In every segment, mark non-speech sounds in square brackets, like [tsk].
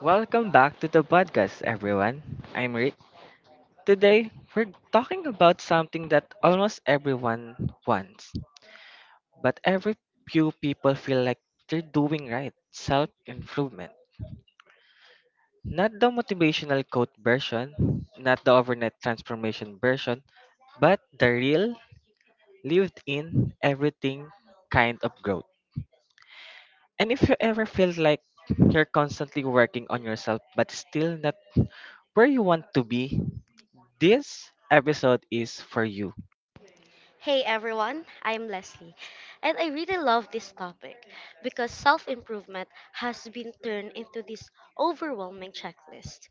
Welcome back to the podcast, everyone. I'm Rick. Today, we're talking about something that almost everyone wants, but every few people feel like they're doing right self improvement. Not the motivational quote version, not the overnight transformation version, but the real, lived in, everything kind of growth. And if you ever feel like you're constantly working on yourself but still not where you want to be, this episode is for you. Hey everyone, I'm Leslie, and I really love this topic because self improvement has been turned into this overwhelming checklist.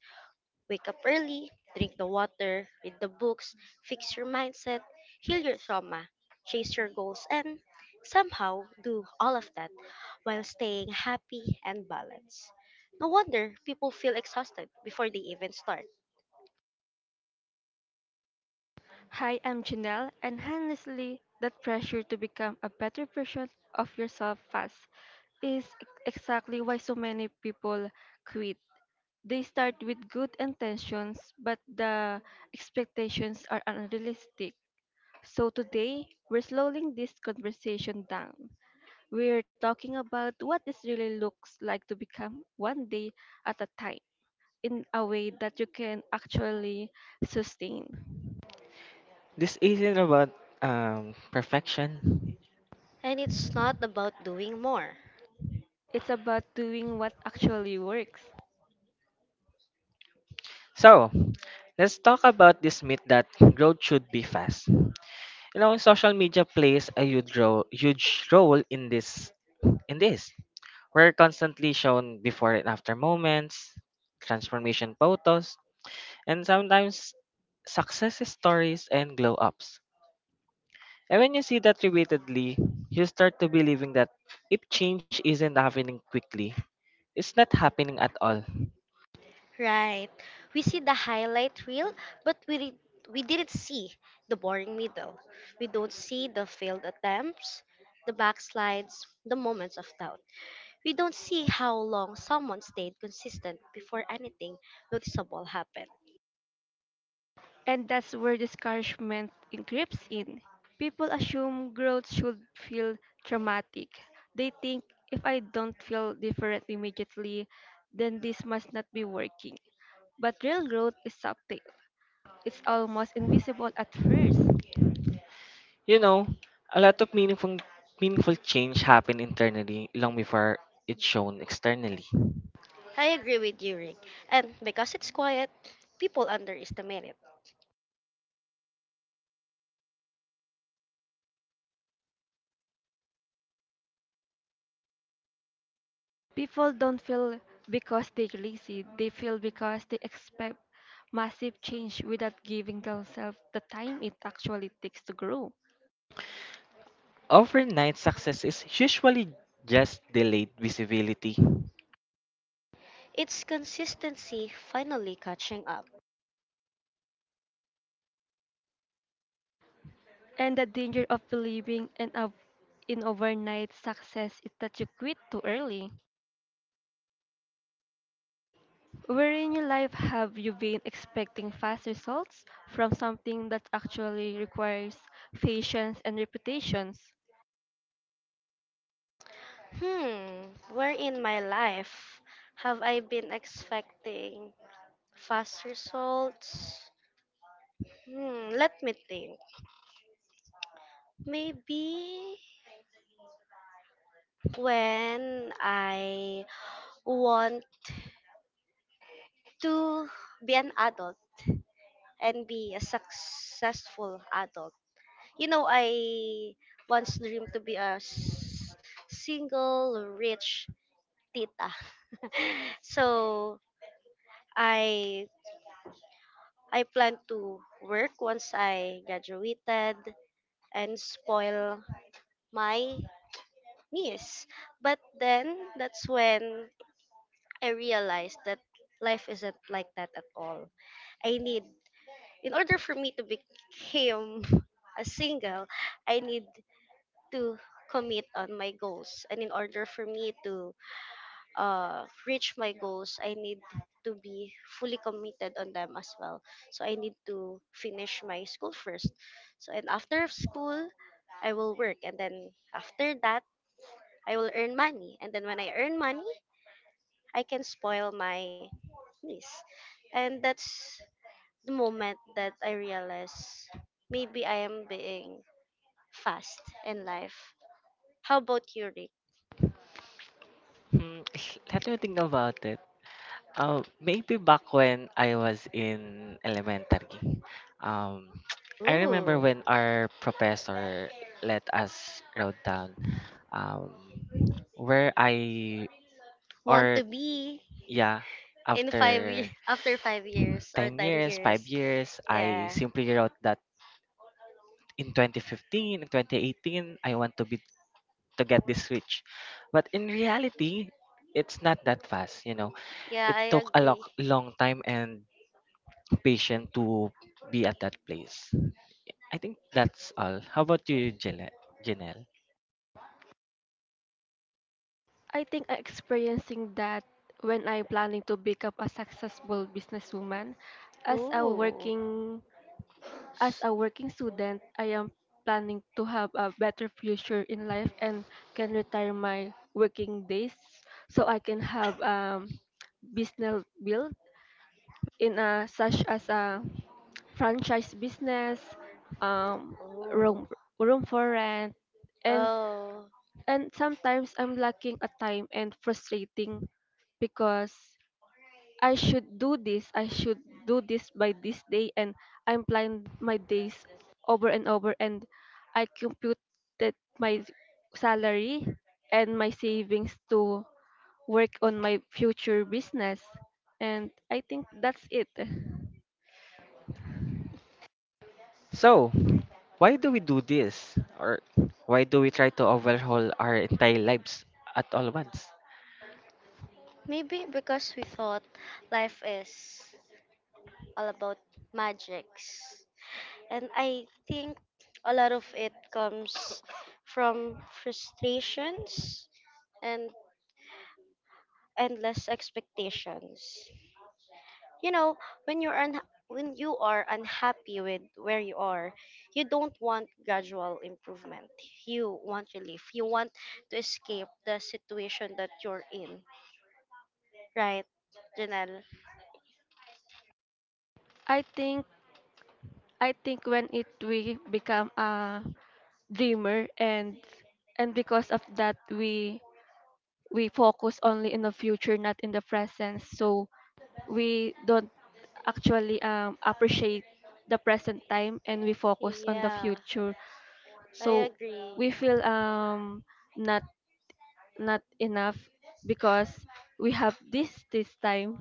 Wake up early, drink the water, read the books, fix your mindset, heal your trauma, chase your goals, and somehow do all of that while staying happy and balanced. No wonder people feel exhausted before they even start. Hi, I'm Janelle, and honestly, that pressure to become a better version of yourself fast is exactly why so many people quit. They start with good intentions, but the expectations are unrealistic. So today, we're slowing this conversation down. We're talking about what this really looks like to become one day at a time, in a way that you can actually sustain. This isn't about perfection. And it's not about doing more. It's about doing what actually works. So, let's talk about this myth that growth should be fast. You know, social media plays a huge role in this. In this, we're constantly shown before and after moments, transformation photos, and sometimes success stories and glow ups. And when you see that repeatedly, you start to believing that if change isn't happening quickly, it's not happening at all. Right. We see the highlight reel, but we didn't see the boring middle. We don't see the failed attempts, the backslides, the moments of doubt. We don't see how long someone stayed consistent before anything noticeable happened. And that's where discouragement creeps in. People assume growth should feel dramatic. They think if I don't feel different immediately, then this must not be working. But real growth is subtle. It's almost invisible at first. You know, a lot of meaningful change happen internally long before it's shown externally. I agree with you, Rick. And because it's quiet, people underestimate it. People don't feel because they're lazy, they feel because they expect massive change without giving themselves the time it actually takes to grow. Overnight success is usually just delayed visibility. It's consistency finally catching up. And the danger of believing in overnight success is that you quit too early. Where in your life have you been expecting fast results from something that actually requires patience and reputations? Hmm, where in my life have I been expecting fast results. Hmm, let me think. Maybe when I want to be an adult and be a successful adult. You know, I once dreamed to be a single rich tita. [laughs] So I I plan to work once I graduated and spoil my yes, but then that's when I realized that life isn't like that at all. I need, in order for me to become [laughs] a single, I need to commit on my goals. And in order for me to reach my goals, I need to be fully committed on them as well. So I need to finish my school first. So, and after school, I will work. And then after that, I will earn money. And then when I earn money, I can spoil my niece. And that's the moment that I realize maybe I am being fast in life. How about you, Rick? Hmm, [laughs] let me think about it. Maybe back when I was in elementary, um, [tsk] I remember Ooh. when our professor let us write down um, where I Want or to be yeah in five after years [laughs] after 5 years or 10 ten years, 5 years? years, I Yeah, simply wrote that in 2015, in 2018, I want to be to get this rich. But in reality, it's not that fast, you know. yeah, It I took a long, agree. long time and patience to be at that place. I think that's all. How about you, Janelle? I think I'm experiencing that when I'm planning to become a successful businesswoman as a Ooh. working As S- a working student. I am planning to have a better future in life and can retire my working days so I can have business build in a, such as a franchise business, um Oh, room room for rent. and oh, and sometimes I'm lacking a time and frustrating because I should do this, I should do this by this day, and I'm planning my days over and over, and I computed my salary and my savings to work on my future business, and I think that's it. So, why do we do this? Or why do we try to overhaul our entire lives at all once? maybe because we thought life is all about magics. And I think a lot of it comes from frustrations and endless expectations. You know, when you're un- when you are unhappy with where you are, you don't want gradual improvement. You want relief. You want to escape the situation that you're in. Right, Janelle? I think when it we become a dreamer and because of that we focus only in the future, not in the present. So we don't actually appreciate the present time, and we focus on the Yeah, future. I So agree. we feel not not enough because we have this time.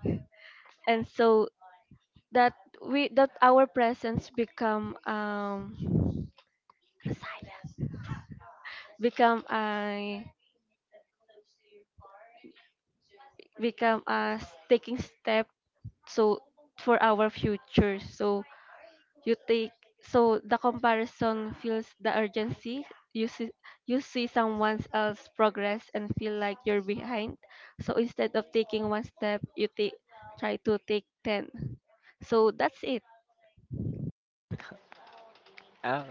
And so that we that our presence become become a become us taking step so for our future. So you take so the comparison feels the urgency. You see you see someone else progress and feel like you're behind, so instead of taking one step, you take try to take 10. So that's it. Oh,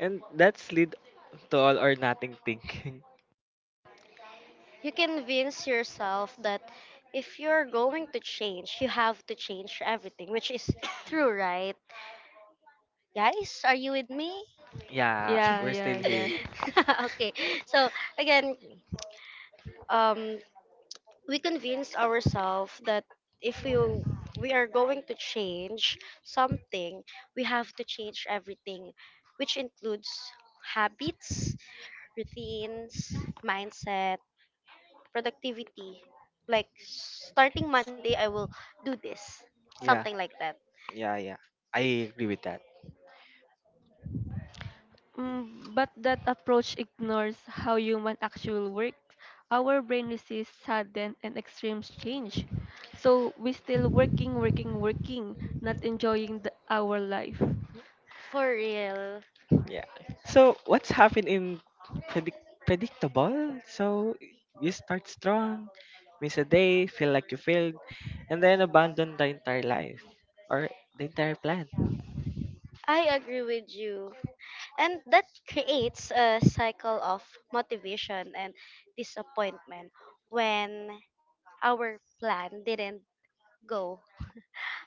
and that's lead to all or nothing thinking. You convince yourself that if you're going to change, you have to change everything, which is [coughs] true, right? Guys, are you with me? Yeah, Yeah, we're yeah, still yeah. here. [laughs] Okay. So again, um, we convince ourselves that if we we are going to change something, we have to change everything, which includes habits, routines, mindset, productivity. Like starting Monday, I will do this, Yeah, something like that. yeah, yeah. I agree with that. mm, but that approach ignores how human actual works. Our brain resists sudden and extreme change, so we still working, not enjoying our life. For real, Yeah. So what's happened in predictable? So you start strong, miss a day, feel like you failed, and then abandon the entire life or the entire plan. I agree with you. And that creates a cycle of motivation and disappointment when our plan didn't go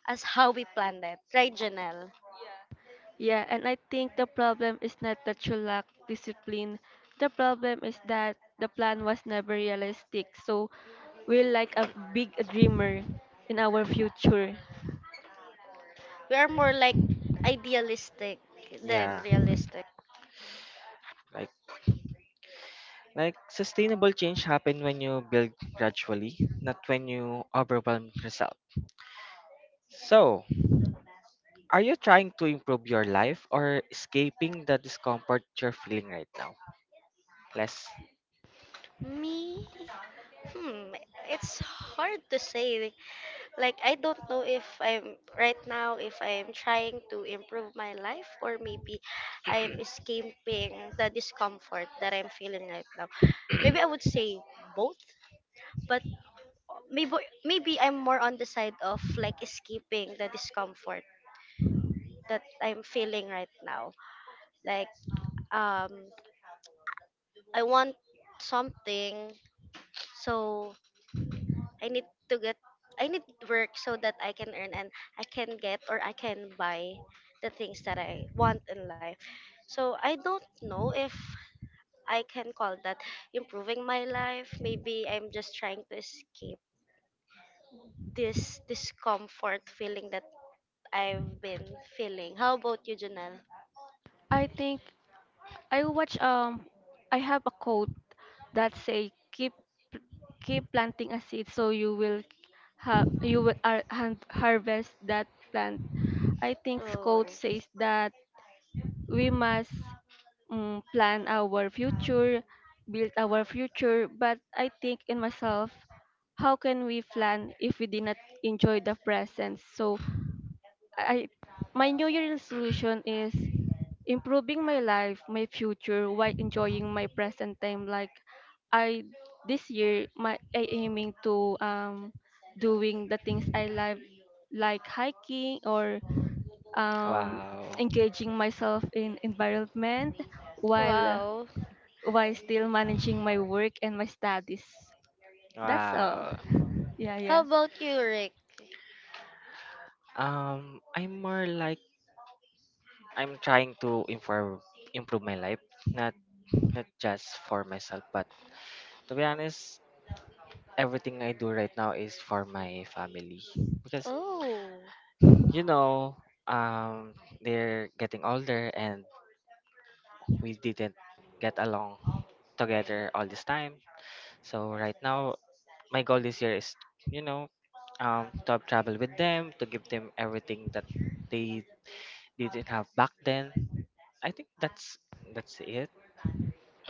as how we planned it. Right, Janelle? Yeah, and I think the problem is not that you lack discipline. The problem is that the plan was never realistic. So we're like a big dreamer in our future. We are more like idealistic than Yeah. realistic. Like like sustainable change happen when you build gradually, not when you overwhelm yourself. So are you trying to improve your life or escaping the discomfort you're feeling right now? Less. Me? Hmm, it's hard to say, like I don't know if I'm right now if I'm trying to improve my life or maybe I'm escaping the discomfort that I'm feeling right now. Maybe I would say both, but maybe maybe I'm more on the side of like escaping the discomfort that I'm feeling right now. Like um I want something so I need to get I need work so that I can earn and I can buy the things that I want in life. So I don't know if I can call that improving my life. Maybe I'm just trying to escape this discomfort feeling that I've been feeling. How about you, Janelle? I think I watch um I have a quote that say keep planting a seed so you will have you will ar- han- harvest that plant. I think Oh, quote says that we must plan our future, build our future. But I think in myself, how can we plan if we did not enjoy the present? So I, my New Year resolution is improving my life, my future while enjoying my present time. Like I this year, my I aiming to doing the things I love, like hiking or um Wow. engaging myself in environment, while wow. while still managing my work and my studies. That's all. Wow. Yeah, How yeah. about you, Rick? I'm more like I'm trying to improve my life, not not just for myself, but to be honest, everything I do right now is for my family because Oh, you know um they're getting older and we didn't get along together all this time, so right now my goal this year is, you know, to have travel with them to give them everything that they didn't have back then. I think that's it.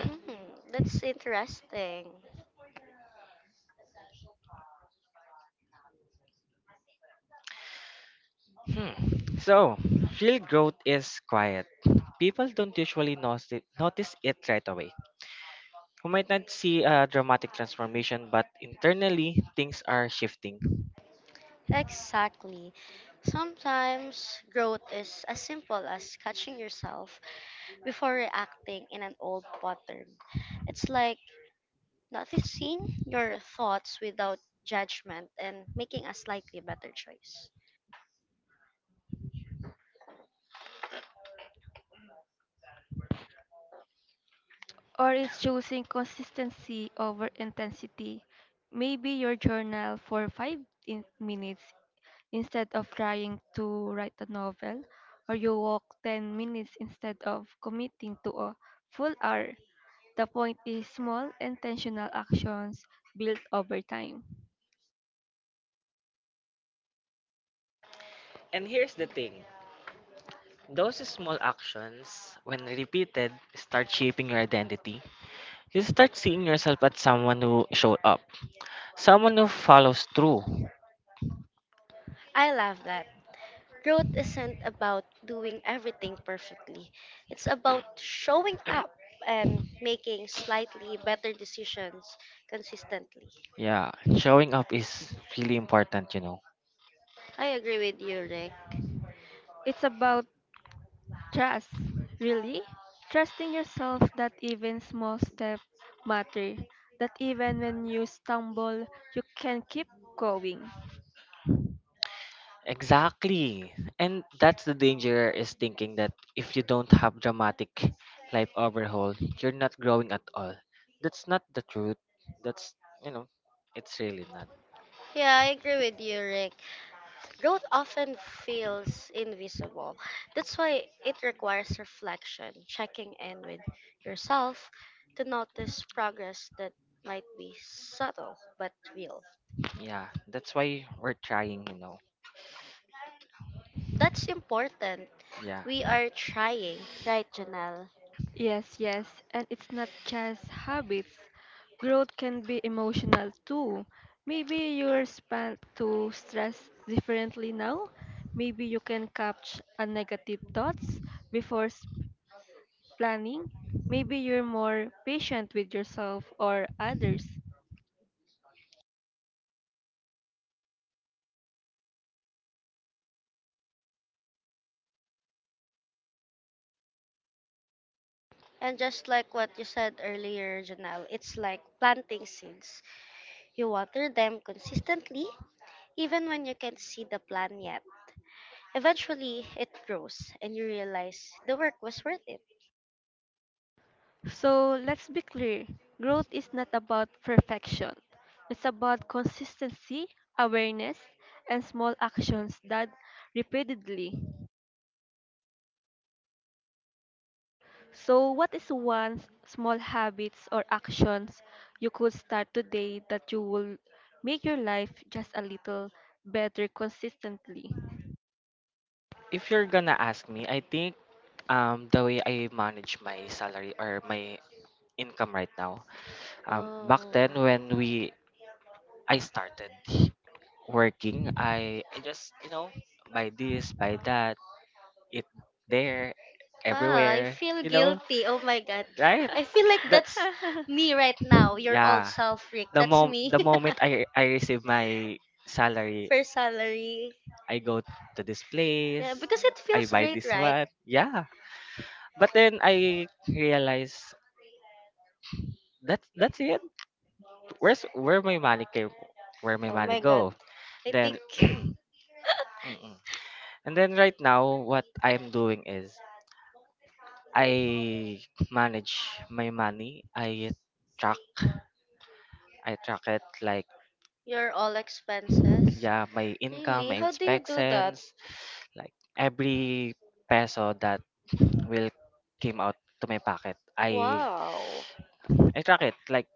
hmm, that's interesting. Hmm. So real growth is quiet, people don't usually notice it right away. We might not see a dramatic transformation, but internally, things are shifting. Exactly. Sometimes growth is as simple as catching yourself before reacting in an old pattern. It's like noticing your thoughts without judgment and making a slightly better choice. Or it's choosing consistency over intensity. Maybe your journal for 5 minutes instead of trying to write a novel, or you walk 10 minutes instead of committing to a full hour. The point is small intentional actions built over time. And here's the thing, those small actions, when repeated, start shaping your identity. You start seeing yourself as someone who showed up, someone who follows through. I love that. Growth isn't about doing everything perfectly, it's about showing up and making slightly better decisions consistently. Yeah, showing up is really important, you know. I agree with you, Rick. It's about trust, really? Trusting yourself that even small steps matter, that even when you stumble, you can keep going. Exactly. And that's the danger is thinking that if you don't have dramatic life overhaul, you're not growing at all. That's not the truth. That's, you know, it's really not. Yeah, I agree with you, Rick. Growth often feels invisible. That's why it requires reflection, checking in with yourself to notice progress that might be subtle but real. Yeah, that's why we're trying, you know. That's important. Yeah. We are trying, right, Janelle? Yes, yes, and it's not just habits. Growth can be emotional too. Maybe you respond to stress differently now. Maybe you can catch a negative thoughts before planning. Maybe you're more patient with yourself or others. And just like what you said earlier, Janelle, it's like planting seeds. You water them consistently, even when you can't see the plant yet. Eventually, it grows, and you realize the work was worth it. So let's be clear: growth is not about perfection, it's about consistency, awareness, and small actions that repeatedly. So, what is one small habits or actions you could start today that you will make your life just a little better consistently? If you're gonna ask me, I think the way I manage my salary or my income right now, Back then, back oh, then then when we I started working, I just, you know, buy this buy that. It there ah, I evaluated everywhere, feel you you know. guilty. Oh my god. Right. I feel like That. that's me right now, your old Yeah. self, Rick. The That's me. Moment I [laughs] I receive my [laughs] salary, First salary. I go to this Yeah, place, because it I feels buy great, this right? one. Yeah. But then I realize that that's it. Where's where my money came, where my Oh money my god, go? go, I Then think [clears throat] mm-mm. [laughs] And then right now, what I'm doing is I manage my money. Track, I track it like, your all expenses. yeah, my income, Really? my How do you do that? inspections. Like every peso that will came out to my pocket, i Wow. i track it like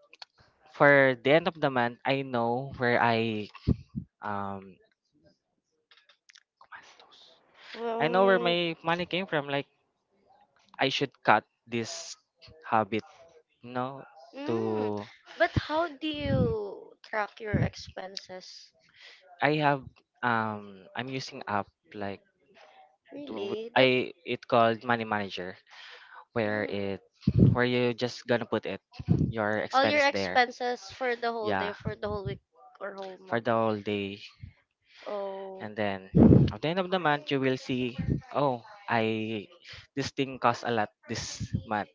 for the end of the month I know where I um gumastos. I I know where my money came from, like I should cut this habit, you know, to mm. But how do you track your expenses? I have I'm using app like to, Really? I That it called money manager where mm. it where you just gonna put it your All your expense there. expenses for the whole day, Yeah, for the whole week or whole for month. the whole day. Oh. And then at the end of the month you will see, oh, I this thing costs a lot this month,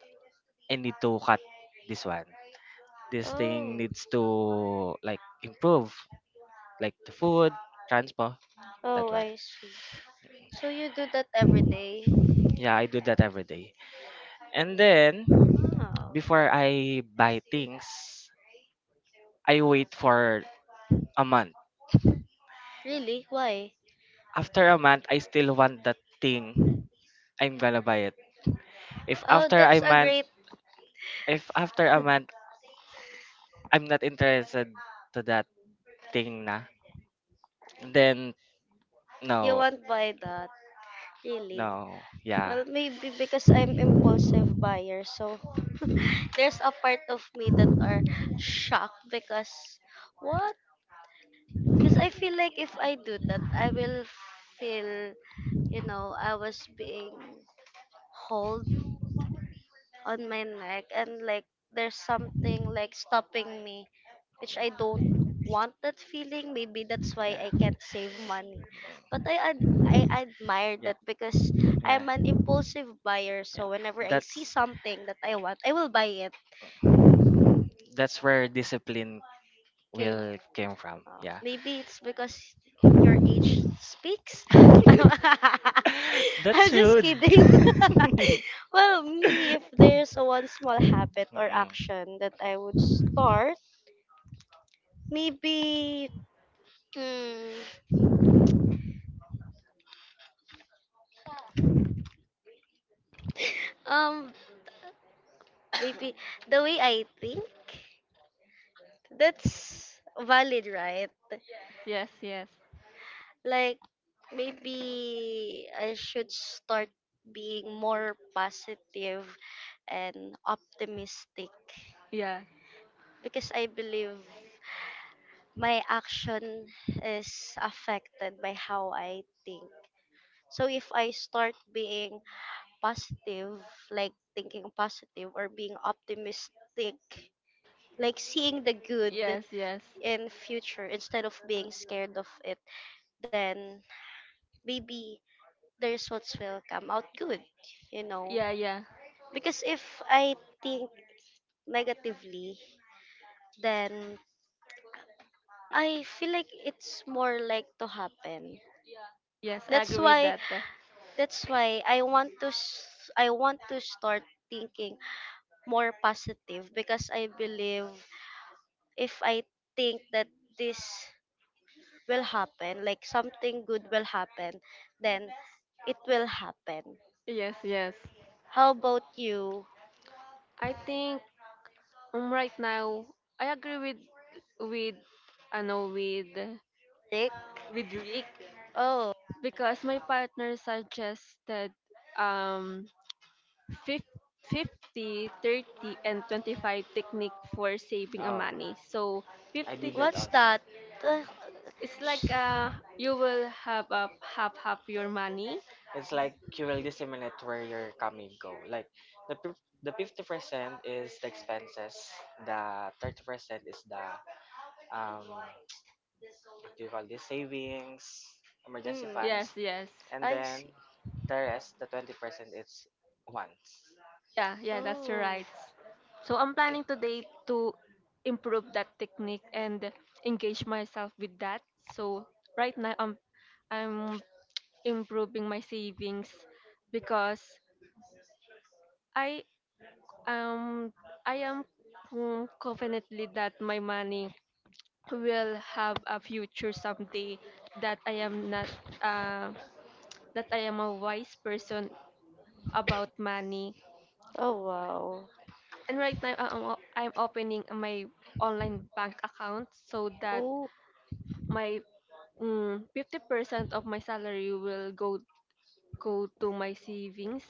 I need to cut this one, this thing Oh. needs to like improve, like the food, transport, that Oh, one. I see. So you do that every day? Yeah, I do that every day. And then Wow. before I buy things, I wait for a month. Really? Why? After a month, I still want that thing, I'm gonna buy it. If Oh, after that's a a month, great. [laughs] if after a month I'm not interested to that thing na, then You no, won't buy that, really. no, yeah. Well, maybe because I'm impulsive buyer, so [laughs] there's a part of me that are shocked because what? Because I feel like if I do that, I will feel, you know, I was being hold on my neck and like there's something like stopping me which I don't want that feeling. Maybe that's why I can't Yeah. save money. But I Mm. admire Yeah. that because Yeah. I'm an impulsive buyer. Yeah. So whenever I see That's something that I want, I will buy it. that's where discipline Okay. will came from. Yeah. Maybe it's because your age speaks. [laughs] [laughs] That's I'm just rude. kidding. [laughs] [laughs] Well, me, if there's a one small habit or Mm-mm. action that I would start, maybe mm, um maybe the way I think, that's valid, right? Yes, yes, Like, maybe I should start being more positive and optimistic yeah. because I believe my action is affected by how I think. So if I start being positive, like thinking positive or being optimistic, like seeing the good, Yes, yes. in future instead of being scared of it, then maybe the results will come out good, you know, Yeah, yeah. because if I think negatively, then I feel like it's more like to happen. Yes, I that's agree with why that. That's why I want to I want to start thinking more positive because I believe if I think that this will happen, like something good will happen, then it will happen. Yes, yes. How about you, I think right now I agree with I know Nick? with Rick, Oh, because my partner suggested um fif- 50, 30 and 25 technique for saving a Oh, money. So I 50, did that what's also. that? Uh, it's like sh- you will have a half your money. It's like you will disseminate where your coming go. Like the 50% is the expenses, the 30% is the what do you call this, savings, emergency mm, Yes, funds, yes. and I then see. the rest, the 20% is wants. Yeah, yeah, that's Oh, right. So I'm planning today to improve that technique and engage myself with that. So right now I'm improving my savings because I um I am confidently that my money will have a future someday, that I am not uh, that I am a wise person about money. oh wow. And right now, I'm opening my online bank account so that Oh, my 50% of my salary will go to my savings.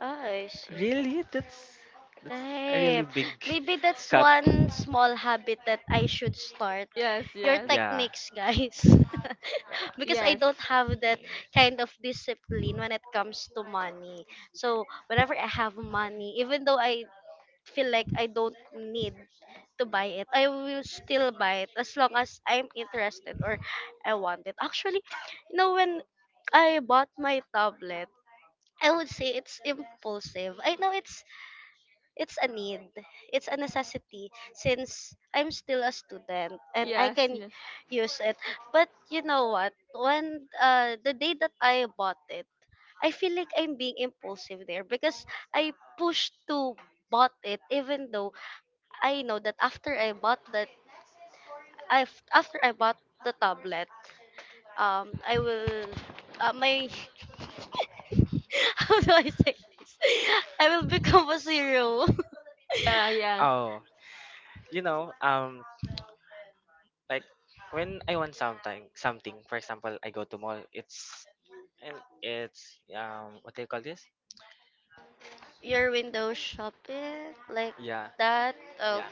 I see. Really, that's a Right. really big Maybe that's cut. one small habit that I should start. Yes, Your yes, Yeah. techniques, guys. Yeah. [laughs] Because I yes, don't have that kind of discipline when it comes to money. So, Mm. whenever I have money, even though I feel like I don't need to buy it, I will still buy it as long as I'm interested or I want it. Actually, you know, when I bought my tablet, I would say it's impulsive. I know it's a need, it's a necessity since I'm still a student and I yes, can yes. use it. But you know what, when the day that I bought it, I feel like I'm being impulsive there because I pushed to bought it even though I know that after I bought that after I bought the tablet, I will my [laughs] how do I say this? I will become a zero. [laughs] Yeah, yeah, Oh, you know, like when I want something, something. For example, I go to mall. It's and it's what do you call this? Your window shopping like Yeah, that? Oh, yeah.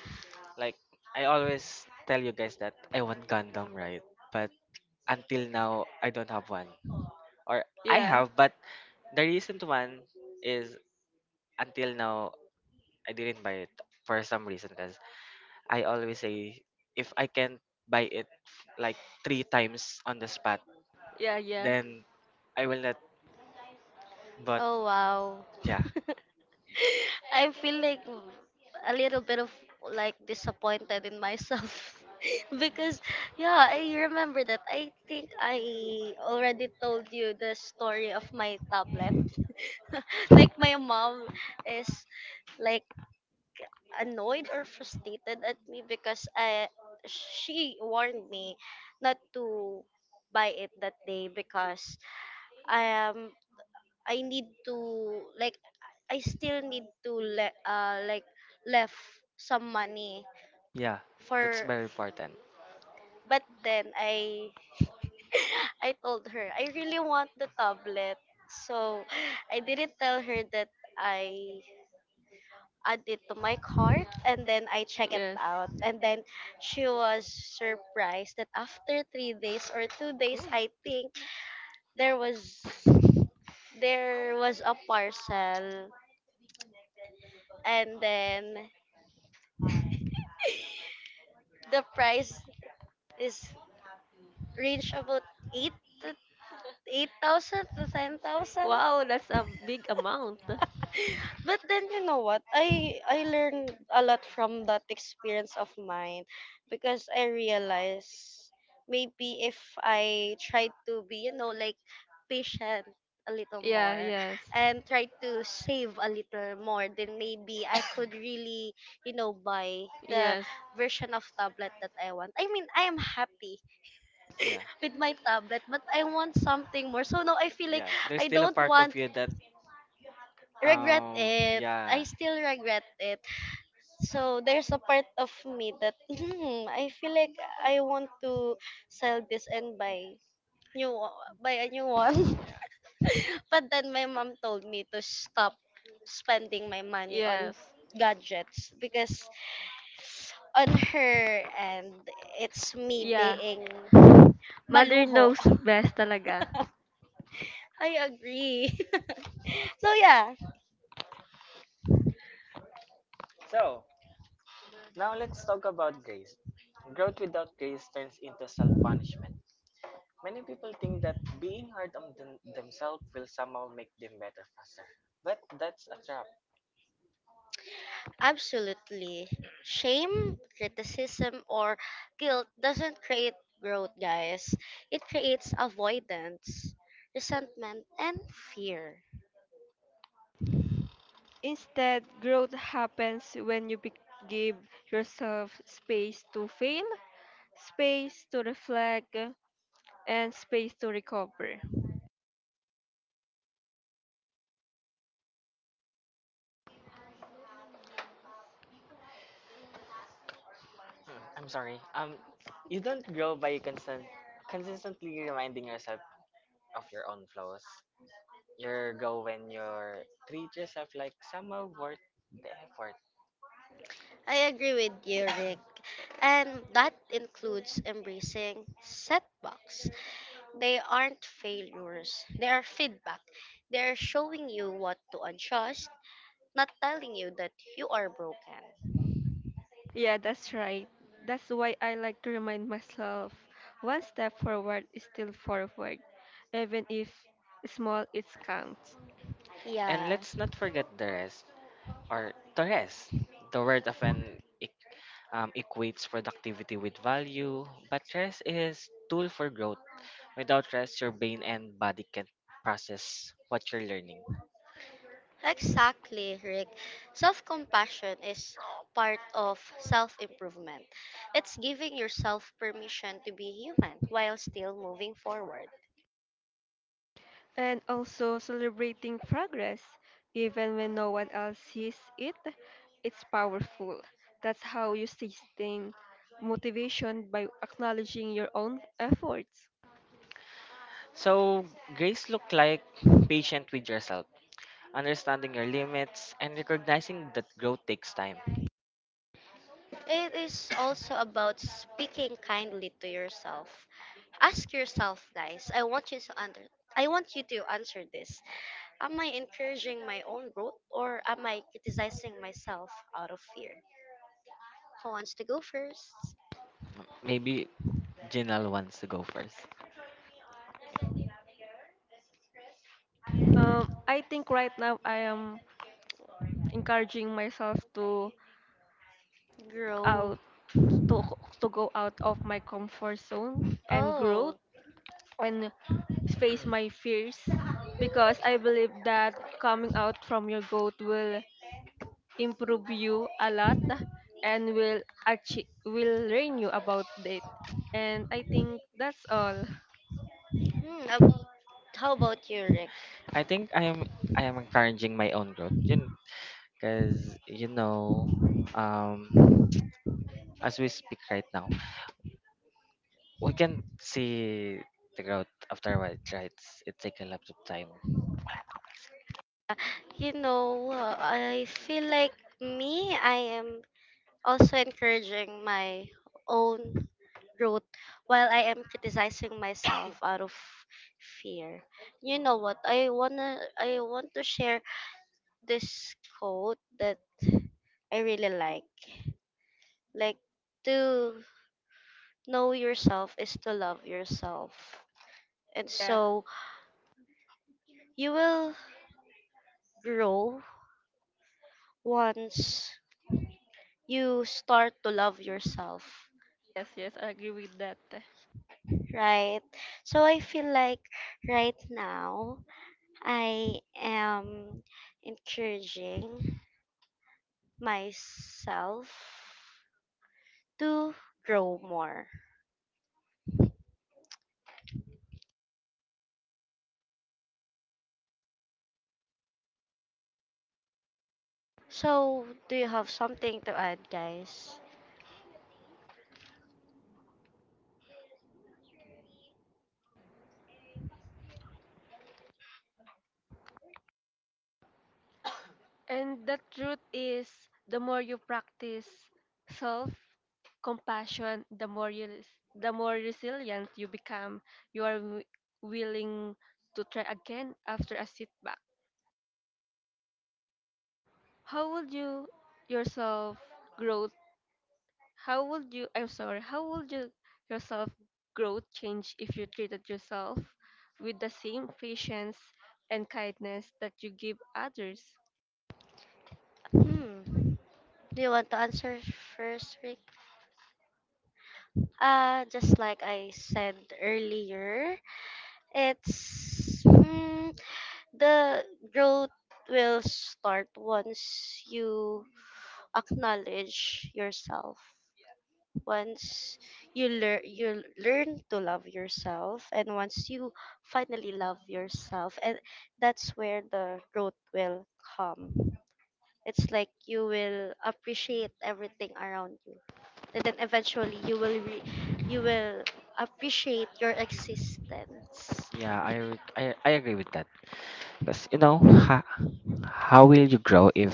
Like I always tell you guys that I want Gundam, right? But until now, I don't have one. Or I yeah, have, but the recent one is until now I didn't buy it for some reason. I always say if I can't buy it like three times on the spot, yeah, yeah. then I will not. But oh wow. yeah, [laughs] I feel like a little bit of like disappointed in myself [laughs] because yeah, I remember that. I think I already told you the story of my tablet. [laughs] Like my mom is like annoyed or frustrated at me because I she warned me not to buy it that day because I am I need to like I still need to like left some money yeah, that's for, very important. but then I [sighs] [laughs] I told her I really want the tablet. So I didn't tell her that I add it to my cart and then I check it Yes. out. And then she was surprised that after 3 days or 2 days I think there was there was a parcel and then the price is range about 8 to 8,000 to 10,000. Wow, that's a big amount. But then you know what? I learned a lot from that experience of mine because I realized maybe if I try to be, you know, like patient a little Yeah, more yes, and try to save a little more, then maybe I could really, you know, buy the yes, version of tablet that I want. I mean, I am happy Yeah, with my tablet, but I want something more. So now I feel like yeah. There's I still a don't part want of you that regret it. I yeah. still regret it. So there's a part of me that [laughs] hmm, I feel like I want to sell this and buy buy a new one. Yeah. [laughs] But then my mom told me to stop spending my money on yes, gadgets because on her and it's me yeah. being Mother maluho. knows best talaga. [laughs] I agree. [laughs] So yeah, So, now let's talk about grace. Growth without grace turns into self punishment. Many people think that being hard on themselves will somehow make them better faster. But that's a trap. absolutely. Shame, criticism, or guilt doesn't create growth, guys. It creates avoidance, resentment, and fear. Instead, growth happens when you give yourself space to fail, space to reflect, and space to recover. Hmm, I'm sorry. You don't grow by constant, consistently reminding yourself of your own flaws. You grow when you treat yourself like somehow worth the effort. I agree with you, Rick. And that includes embracing setbacks. They aren't failures, they are feedback. They're showing you what to adjust, not telling you that you are broken. Yeah, that's right. That's why I like to remind myself: one step forward is still forward, even if small, it counts. And And yeah. let's And not forget the rest, or the rest. The word often equates productivity with value, but rest is tool for growth. Without rest, your brain and body can't process what you're learning. exactly, Rick. Self compassion is part of self improvement. It's giving yourself permission to be human while still moving forward. And also celebrating progress even when no one else sees it, it's powerful. That's how you sustain motivation, by acknowledging your own efforts. So, grace look like patient with yourself, understanding your limits, and recognizing that growth takes time. It is also about speaking kindly to yourself. Ask yourself, guys, I want you to answer this. Am I encouraging my own growth or am I criticizing myself out of fear? Who wants to go first? Maybe Jinal wants to go first. I think right now I am encouraging myself Grow. out to, to go out of my comfort zone and growth Oh, and face my fears, because I believe that coming out from your goal will improve you a lot and will learn you about it, and I think that's all. hmm. How about you, Rick? I think I am encouraging my own growth. Because you know, um as we speak right now, we can see the growth afterwards, right? It's, it take a lot of time. You know, I feel like me, I am also encouraging my own growth while I am criticizing myself [coughs] out of fear. You know what? I want to share this quote that I really like. Like, to know yourself is to love yourself. And Yeah. so you will grow once you start to love yourself, Yes, yes, I agree with that. right? So I feel like right now I am encouraging myself to grow more. So do you have something to add, guys? And the truth is, the more you practice self compassion, the more resilient you become. You are willing to try again after a setback. How would you yourself grow How would you? I'm sorry. How would you yourself growth change if you treated yourself with the same patience and kindness that you give others? Hmm. Do you want to answer first, Rick? Just like I said earlier, it's hmm, the growth will start once you acknowledge yourself. Once you learn to love yourself, and once you finally love yourself, and that's where the growth will come. It's like you will appreciate everything around you, and then eventually you will you will appreciate your existence, Yeah, I agree with that. Because, you know, ha, how will you grow if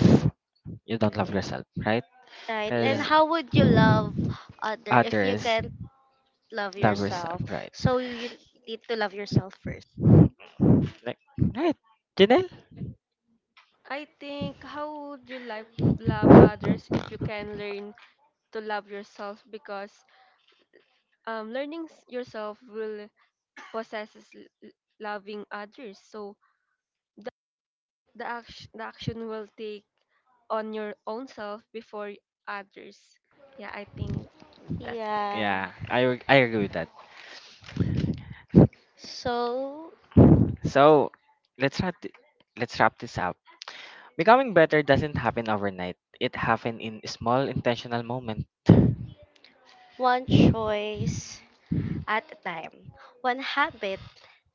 you don't love yourself, right? right? And Because Yeah. how would you love other if you others can't love love yourself, yourself, right? so you need to love yourself first. Like, right, Janelle? I think, how would you like love others if you can learn to love yourself? Because yourself will possesses loving others. So the action will take on your own self before others. Yeah, I think that's it. Yeah, Yeah, I agree with that. so So, let's wrap, th- let's wrap this up. Becoming better doesn't happen overnight. It happens in small intentional moments. one choice at a time, one habit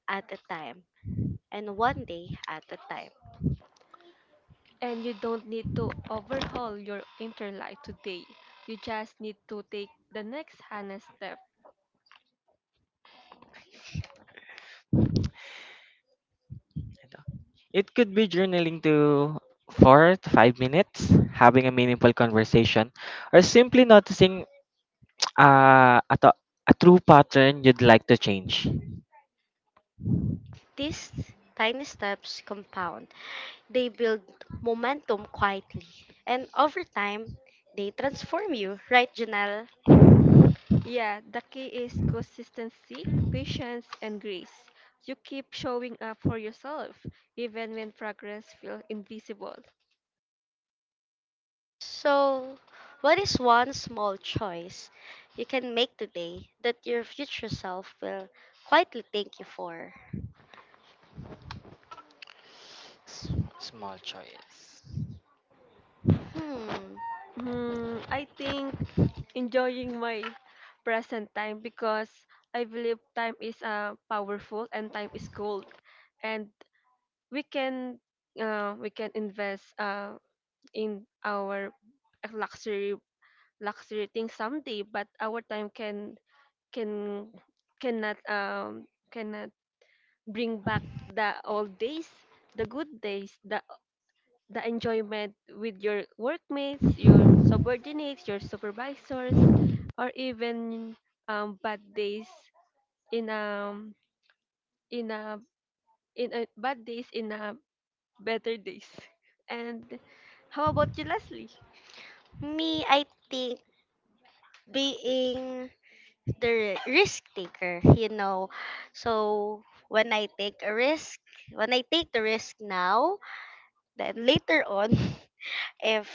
at a time, and one day at a time. And you don't need to overhaul your inner life today. You just need to take the next honest step. It could be journaling to 4 to 5 minutes, having a meaningful conversation, or simply noticing [tsk] uh, a, to- a true pattern you'd like to change. These tiny steps compound. They build momentum quietly, and over time, they transform you, right, Janelle? Yeah, the key is consistency, patience, and grace. You keep showing up for yourself, even when progress feels invisible. So, what is one small choice you can make today that your future self will quietly thank you for? S- Small choice. Hmm, Hmm, I think enjoying my present time, because I believe time is powerful and time is gold, and we can we can invest in our luxury luxury things someday, but our time can cannot um cannot bring back the old days, the good days, the enjoyment with your workmates, your subordinates, your supervisors, or even bad days, in a in a in a bad days, in a better days. [laughs] And how about you, Leslie? me, I think being the risk taker, you know. So when I take a risk, when I take the risk now, then later on, [laughs] if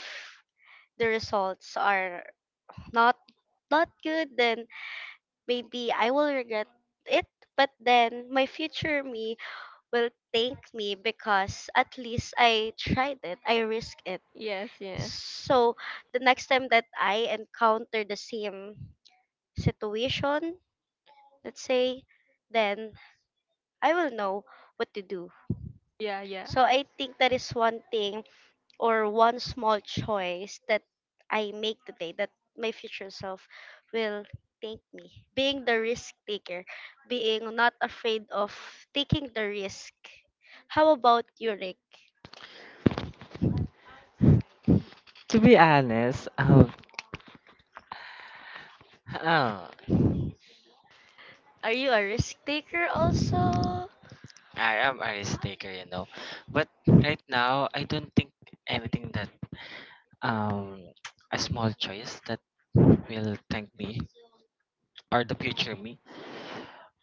the results are not not good, then maybe I will regret it. But then my future me will thank me because at least I tried it, I risked it. Yes, yes, So the next time that I encounter the same situation, let's say, then I will know what to do. yeah, yeah. So I think that is one thing or one small choice that I make today that my future self will thank me. Being the risk taker, being not afraid of taking the risk. How about you, Rick? To be honest, [laughs] ah, Are you a risk taker also? I am a risk taker, you know. But right now, I don't think anything that um a small choice that will thank me or the future me,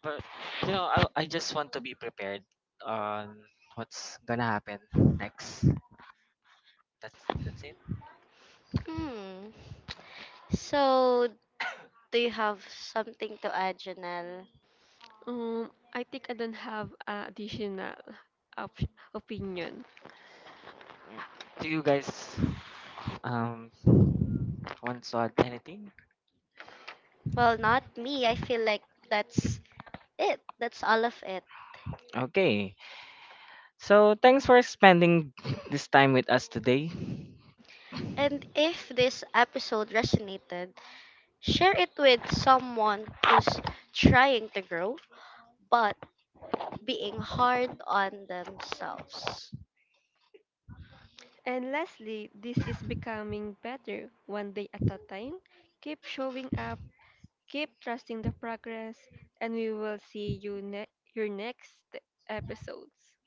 but you know, I just want to be prepared on what's gonna happen next. that's that's it. Hmm. So, do you have something to add, Janelle? Um, I think I don't have additional opinion. Do you guys um want to add anything? Well, not me. I feel like that's it. That's all of it. Okay, so thanks for spending this time with us today. And if this episode resonated, share it with someone who's trying to grow but being hard on themselves. And lastly, this is becoming better one day at a time. Keep showing up, keep trusting the progress, and we will see you your next episodes.